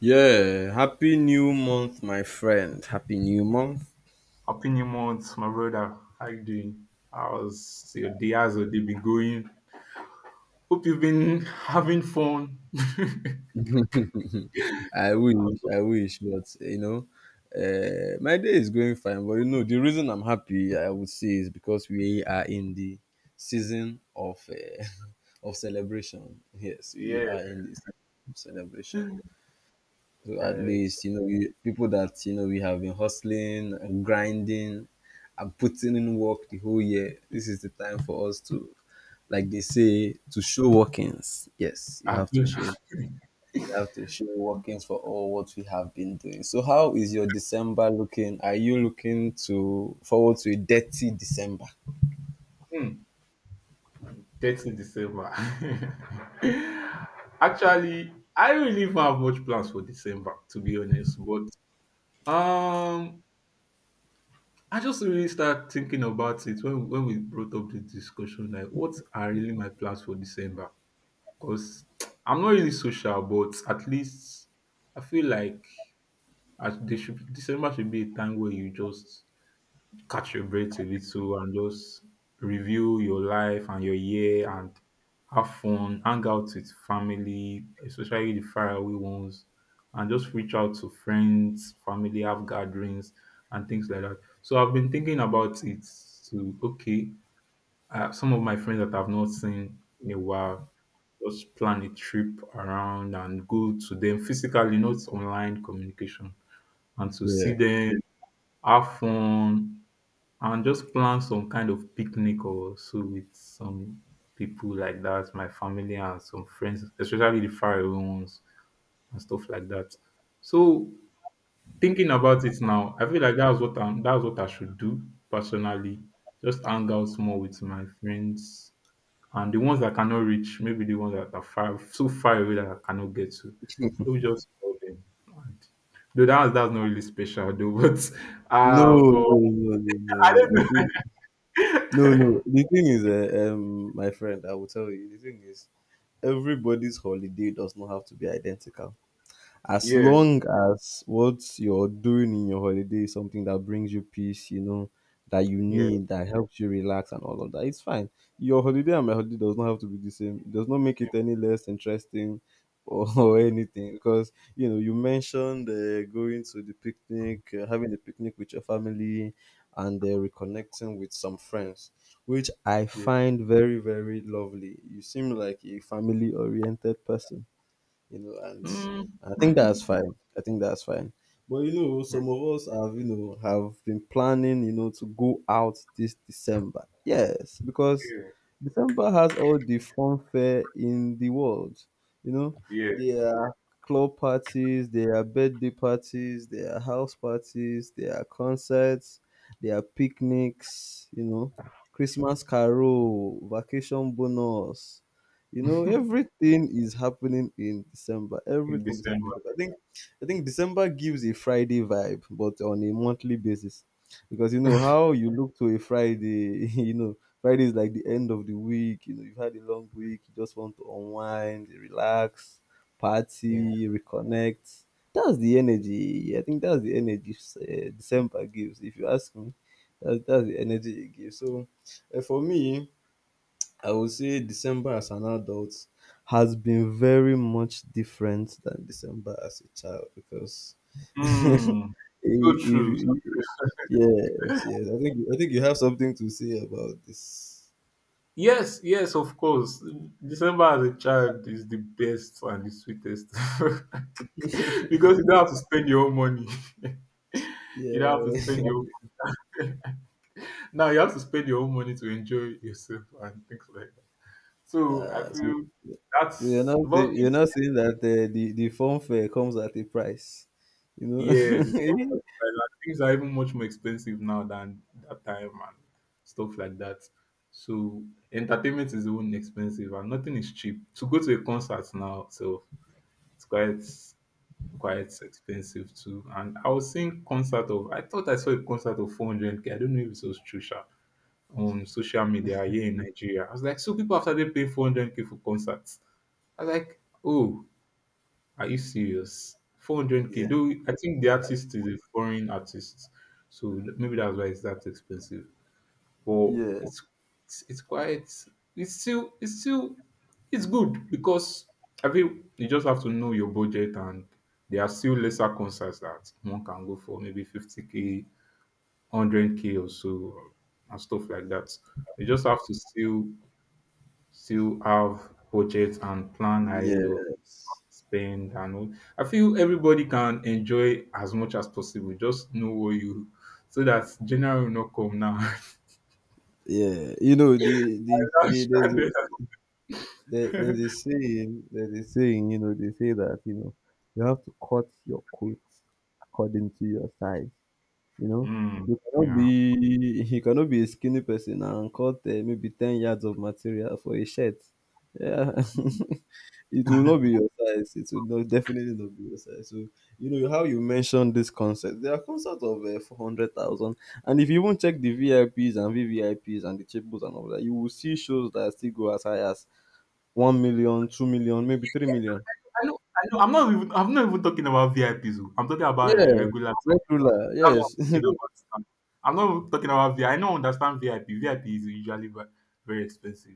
Yeah, happy new month, my friend. Happy new month. Happy New month, my brother. How you doing? How's your day? How's your day been going? Hope you've been having fun. But my day is going fine. But you know, the reason I'm happy, I would say, is because we are in the season of of celebration. Yes, we are in the season of celebration. So at least, we, people that we have been hustling and grinding and putting in work the whole year, this is the time for us to, like they say, to show workings. Yes, you I've have to been show. We have to show workings for all what we have been doing. So, how is your December looking? Are you looking to forward to a dirty December? hmm, 30 December. Actually, I really don't really have much plans for December, to be honest. But um, I just really start thinking about it when we brought up the discussion. Like, what are really my plans for December? Because I'm not really social, but at least I feel like as they should December should be a time where you just catch your breath a little and just review your life and your year and have fun, hang out with family, especially the faraway ones, and just reach out to friends, family, have gatherings and things like that. So I've been thinking about it to some of my friends that I've not seen in a while, just plan a trip around and go to them physically, not online communication, and to Yeah. see them have fun, and just plan some kind of picnic or so with some people like that, my family and some friends, especially the faraway ones and stuff like that. So thinking about it now, I feel like that's what I should do personally. Just hang out more with my friends and the ones that I cannot reach, maybe the ones that are far so far away that I cannot get to. Maybe just call them. And, though that's not really special though, but No, uh no, but no, no, no, I no. The don't thing, no, no. The thing is, my friend, I will tell you. The thing is, everybody's holiday does not have to be identical, as yes, long as what you're doing in your holiday is something that brings you peace, you know, that you yeah. need, that helps you relax and all of that, it's fine. Your holiday and my holiday does not have to be the same. It does not make it any less interesting or, or Yeah. anything, because you know you mentioned going to the picnic, having a picnic with your family, and reconnecting with some friends, which I Yeah. find very very lovely. You seem like a family oriented person, and Mm, I think that's fine. I think that's fine. But you know, some of us have, you know, have been planning, you know, to go out this December. Yes, because yeah, December has all the fun fair in the world. You know, yeah, there are club parties, there are birthday parties, there are house parties, there are concerts, there are picnics, you know, Christmas carol, vacation bonus, you know, everything is happening in December. in Everything is December. happening. I think December gives a Friday vibe, but on a monthly basis. Because you know how you look to a Friday, you know, Friday is like the end of the week, you know, you've had a long week, you just want to unwind, relax, Yeah. party, reconnect. That's the energy. I think that's the energy December gives. If you ask me, that's the energy it gives. So, for me, I would say December as an adult has been very much different than December as a child because if, Mm. So true. So if, true. yes, yes, I think you have something to say about this. Yes, yes, of course. December as a child is the best and the sweetest because you don't have to spend your own money. You don't have to Yeah. spend your own. Now you have to spend your own money to enjoy yourself and things like that. So I Uh, so, feel so, you're that's not say- well. you're not saying that the phone fare comes at a price, you know? Yes, it's come at a price, and things are even much more expensive now than that time and stuff like that. So entertainment is even expensive and nothing is cheap. To go to a concert now, so it's quite expensive too. And I thought I saw a concert of 400k. I don't know if it was true sha, on social media here in Nigeria. I was like, so people have started pay 400k for concerts. I was like, oh. Are you serious? 400k. yeah, Though I think the artist is a foreign artist, so maybe that's why it's that expensive. But yeah, it's quite it's still it's still it's good because I think you just have to know your budget and there are still lesser concerts that one can go for maybe 50k, 100k or so and stuff like that. You just have to still have budget and plan ahead of yes, spend and all. I feel everybody can enjoy as much as possible. Just know what you so that January will not come now. yeah. You know the the You're not the there's stranded. There, there's a saying, you know, they say that, you know, you have to cut your coat according to your size. You know, Hmm. Yeah. You cannot be a skinny person and cut maybe 10 yards of material for a shirt. Yeah, it will not be your size. It will not definitely not be your size. So you know how you mentioned this concept. There are concepts of 400,000, and if you even check the VIPs and VVIPs and the tables and all that, you will see shows that still go as high as 1 million, 2 million, maybe 3 million. I know. I know. I'm not even talking about VIPs. Oh. I'm talking about like Yeah, regular people. regular. That's what Yes, I'm talking about. I'm not even talking about VIP. I don't understand VIP. VIP is usually very expensive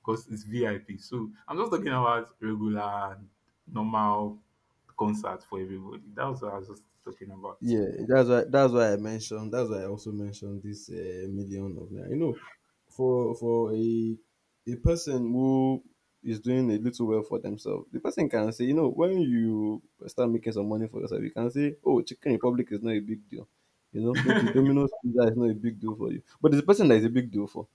because it's VIP. So I'm just talking about regular, normal concert for everybody. That's what I was just talking about. yeah. That's why I mentioned. That's why I also mentioned this million of naira. You know, for a person who is doing a little well for themselves, the person can say, you know, when you start making some money for yourself, you can say, oh, Chicken Republic is not a big deal. You know, maybe Domino's pizza is not a big deal for you, but there's a person that is a big deal for.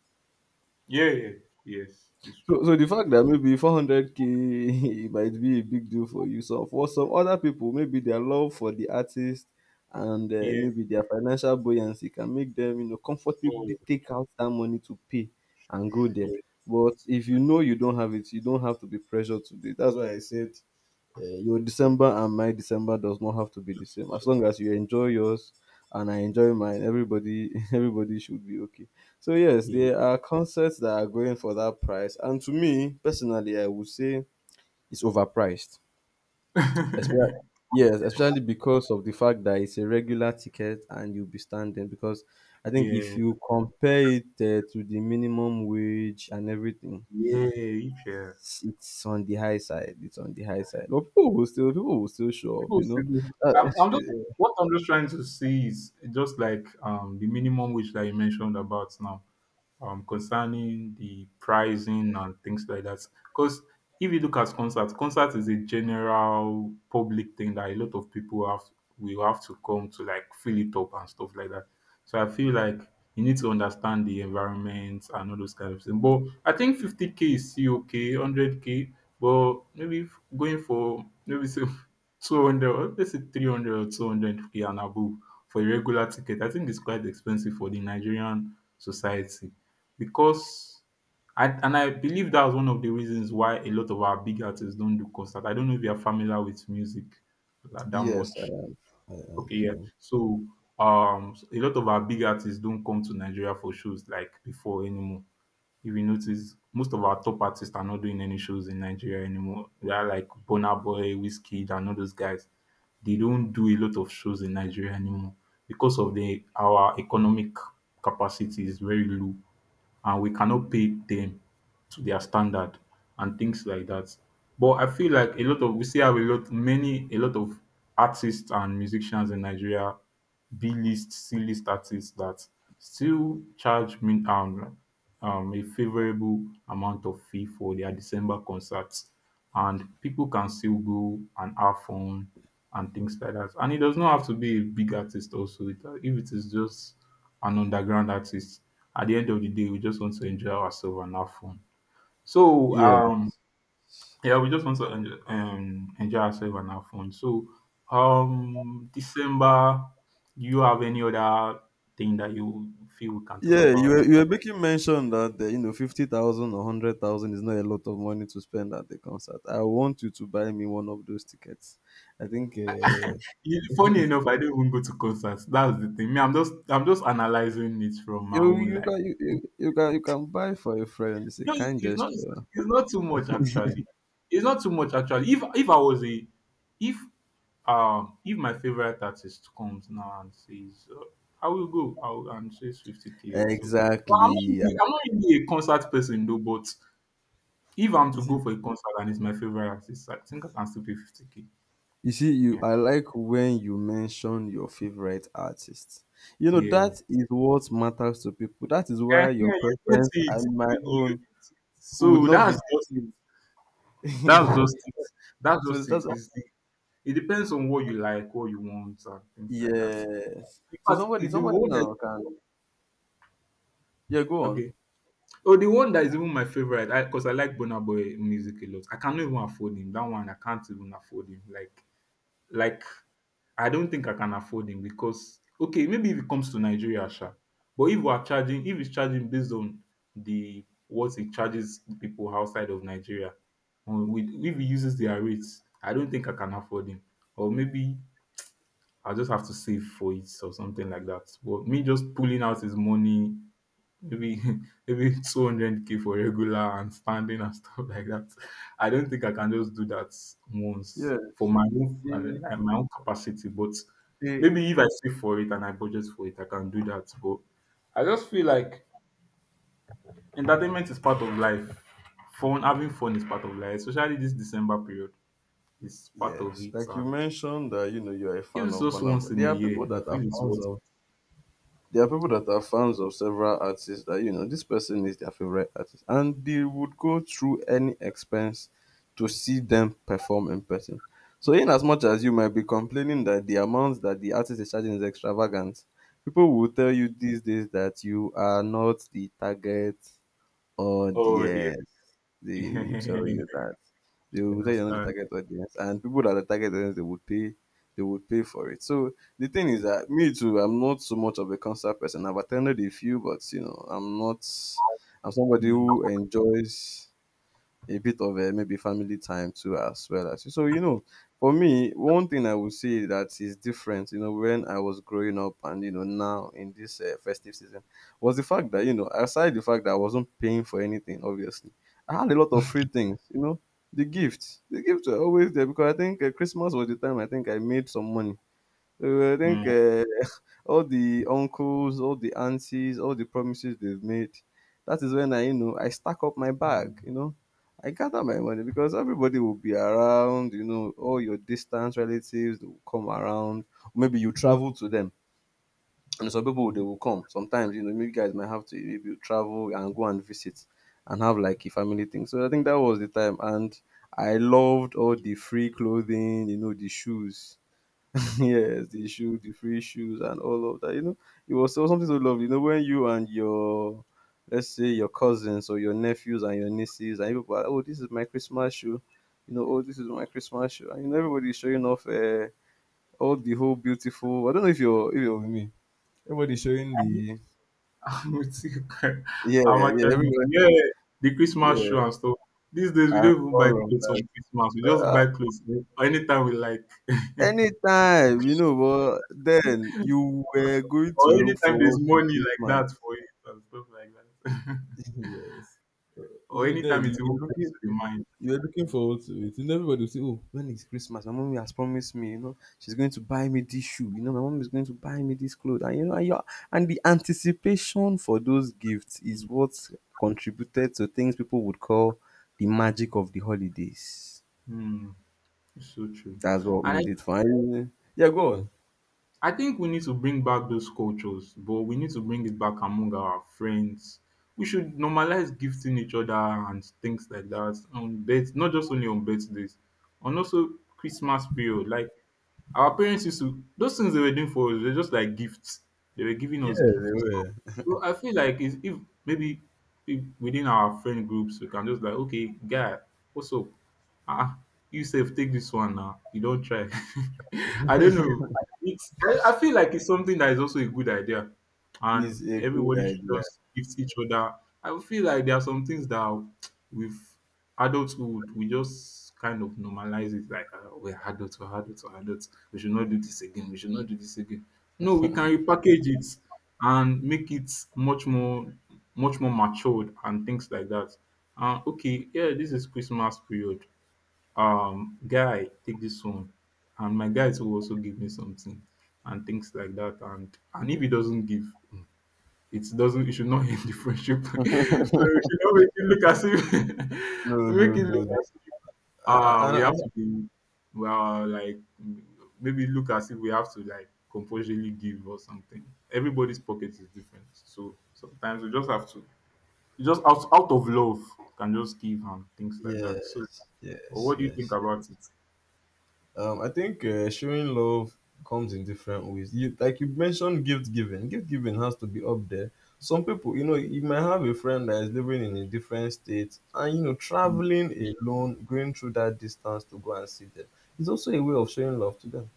Yeah, yeah, yes, it's So, true. so the fact that maybe 400k might be a big deal for you, so for some other people, maybe their love for the artist and Yeah, maybe their financial buoyancy can make them, you know, comfortably oh, take out that money to pay and go there. oh, But if you know you don't have it, you don't have to be pressured to do it. That's why I said your December and my December does not have to be the same. so As long as easy. you enjoy yours and I enjoy mine, everybody everybody should be okay. So yes, Yeah, there are concerts that are going for that price, and to me personally, I would say it's overpriced. Especially, yes, especially because of the fact that it's a regular ticket and you'll be standing. Because I think if yeah, you compare it to the minimum wage and everything, yeah, each year. it's on the high side. It's on the high side. But people will still show up, People you still know. do. Uh, I'm just what I'm just trying to see is just like the minimum wage that you mentioned about now, concerning the pricing and things like that. Because if you look at concerts, concert is a general public thing that a lot of people have will have to come to like fill it up and stuff like that. So I feel like you need to understand the environment and all those kind of things. But I think 50k is still okay, 100k, but maybe if going for maybe say 200 or let's say 300 or 200k and above for a regular ticket, I think it's quite expensive for the Nigerian society. Because I believe that was one of the reasons why a lot of our big artists don't do concert. I don't know if you're familiar with music like that yes, I much. am. I Okay, yeah. am. So a lot of our big artists don't come to Nigeria for shows like before anymore. If you notice, most of our top artists are not doing any shows in Nigeria anymore. They are like Burna Boy, Wizkid, and all those guys. They don't do a lot of shows in Nigeria anymore because of the our economic capacity is very low and we cannot pay them to their standard and things like that. But I feel like a lot of we see have a lot many a lot of artists and musicians in Nigeria, B list, C list artists that still charge min a favorable amount of fee for their December concerts and people can still go and have fun and things like that. And it does not have to be a big artist also. If it is just an underground artist, at the end of the day, we just want to enjoy ourselves and have fun. So, Yeah, um, yeah, we just want to enjoy ourselves and have fun. So December, do you have any other thing that you feel we can talk yeah. You about? were making mention that you know 50,000 or 100,000 is not a lot of money to spend at the concert. I want you to buy me one of those tickets. I think Yeah, funny enough, I don't even go to concerts. That's the thing. Me, I'm just analyzing it from my own life. You can buy for a friend. It's a No, it's kind it's not, it's gesture. it's not too much actually. It's not too much actually. If I was a if if my favorite artist comes now and says, "I will go," I will, and says 50k or so, well, Exactly. I'm not really a concert person though. But if I'm to go Uh, for a concert and it's my favorite artist, I think I can still pay 50k. you see, you Yeah, I like when you mention your favorite artist. You know, yeah, eh, that is what matters to people. That is yeah. why your You get preference it. and my You get own it. would So not that's be just it. the That's same. just it. That's so just it. that's It depends on what you like, what you want, and things like that. yes. In So fact, somebody it- the somebody one that now can yeah, go okay. on. Oh, the one that is even my favorite, because I like Burna Boy music a lot. I cannot even afford him. That one I can't even afford him. Like, I don't think I can afford him because okay, maybe if it comes to Nigeria, sure. But if we are charging, if it's charging based on the what it charges people outside of Nigeria, with if he uses their rates, I don't think I can afford him. Or maybe I'll just have to save for it or something like that. But me just pulling out his money maybe maybe 200k for regular and standing and stuff like that. I don't think I can just do that once for Yes. my own They- and like my own capacity, but they- maybe if I save for it and I budget for it, I can do that. But I just feel like entertainment is part of life. Fun, having fun is part of life, especially this December period is part of yes. it. Like you And mentioned that you know you're a if fan it's of just Banana. once in a year, I feel it's worth it. There are people Yeah. that are fans of several artists that you know this person is their favorite artist and they would go through any expense to see them perform in person. So in as much as you might be complaining that the amount that the artist is charging is extravagant, people will tell you these days that you are not the target Oh dear. audience. They will tell You you that they will tell you you're not the understand. target audience, and people that are the target audience they would pay for it. So the thing is that me too, I'm not so much of a concert person. I've attended a few, but you know, I'm not. I'm somebody Mm, who enjoys a bit of maybe family time too as well. As so you know For me, one thing I would say that is different, you know, when I was growing up and you know now in this festive season, was the fact that, you know, aside the fact that I wasn't paying for anything, obviously I had a lot of free things. You know, the gifts were always there because I think Christmas was the time I think I made some money. So I mm, think all the uncles, all the aunties, all the promises they've made. That is when I, you know, I stack up my bag, mm. you know. I gather my money because everybody will be around, you know, all your distant relatives they will come around. Maybe you travel to them. And some people they will come. Sometimes, you know, maybe you guys might have to maybe you travel and go and visit and have like a family thing. So I think that was the time. And I loved all the free clothing, you know, the shoes. yes, the shoe, the free shoes, and all of that. You know, it was so something so lovely. You know, when you and let's say your cousins or your nephews and your nieces, and people are, oh, this is my Christmas shoe. You know, oh, this is my Christmas shoe. And you know, everybody's showing off all the whole beautiful. I don't know if you're with me. Everybody's showing the I'm with you. yeah, I'm yeah, actually everywhere, yeah, the yeah, Christmas show and stuff. These days we and don't even buy all of clothes on that. Christmas. We just Uh, buy clothes anytime we like. anytime, you know, but then you were going Or to look anytime there's forward to money like Christmas. that for it and stuff like that. yes. You Or know, anytime then it even comes to the mind. you were looking forward to it. And everybody will say, "Oh, when is Christmas? My mommy has promised me. You know, she's going to buy me this shoe. You know, my mom is going to buy me this clothes." And you know, and, you're, and the anticipation for those gifts Mm. is what contributed to things people would call the magic of the holidays. Mm. It's so true. That's what And made it fun. Yeah, go on. I think we need to bring back those cultures, but we need to bring it back among our friends. We should normalize gifting each other and things like that on birth, not just only on birthdays, on also Christmas period. Like our parents used to, those things they were doing for us, they're just like gifts. They were giving us gifts. So I feel like is if maybe if within our friend groups we can just like, okay, guy, what's up? Ah, you safe, take this one now. You don't try. I don't know. I feel like it's something that is also a good idea. And Is a good everybody should idea. just give each other. I feel like there are some things that with adulthood we just kind of normalize it like we're adults, we're adults, we're adults. We should not do this again. We should not do this again. No, we can repackage it and make it much more matured and things like that. Okay, yeah, this is Christmas period. Guy, take this one, and my guys will also give me something and things like that. And if he doesn't give, mm, it doesn't. It should not end the friendship. So we should not make it look as if No, make no, it look no. no. as ah, we I, have to be well, like, m maybe look as if we have to, like, compulsorily give or something. Everybody's pocket is different, so sometimes we just have to you just out of love can just give and things like that. So, yes, or yes, what do you think yes. about it? I think showing love comes in different ways. You mentioned gift giving. Gift giving has to be up there. Some people, you know, you might have a friend that is living in a different state, and you know, Mm. traveling alone, going through that distance to go and see them, is also a way of showing love to them.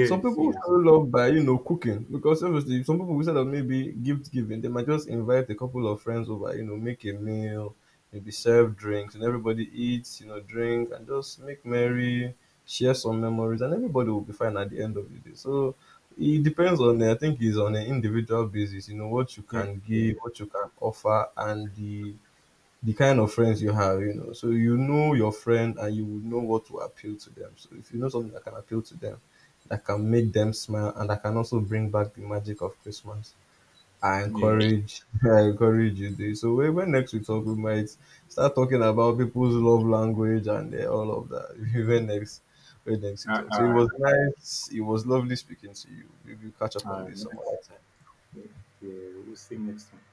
Some people yes. show love by, you know, cooking, because obviously some people, instead of maybe gift giving, they might just invite a couple of friends over, you know, make a meal, maybe serve drinks, and everybody eats, you know, drink and just make merry, share some memories, and everybody will be fine at the end of the day. So it depends on, the, I think, it's on an individual basis, you know, what you Yeah, can yeah, give, what you can offer, and the kind of friends you have, you know. So you know your friend and you would know what to appeal to them. So if you know something that can appeal to them, that can make them smile and that can also bring back the magic of Christmas. I yeah. encourage I encourage you this. So when next we talk, we might start talking about people's love language and all of that. When next we talk. So it Alright, was nice, it was lovely speaking to you. We will catch up on alright. this some Next, other time. yeah, yeah, we'll see next time.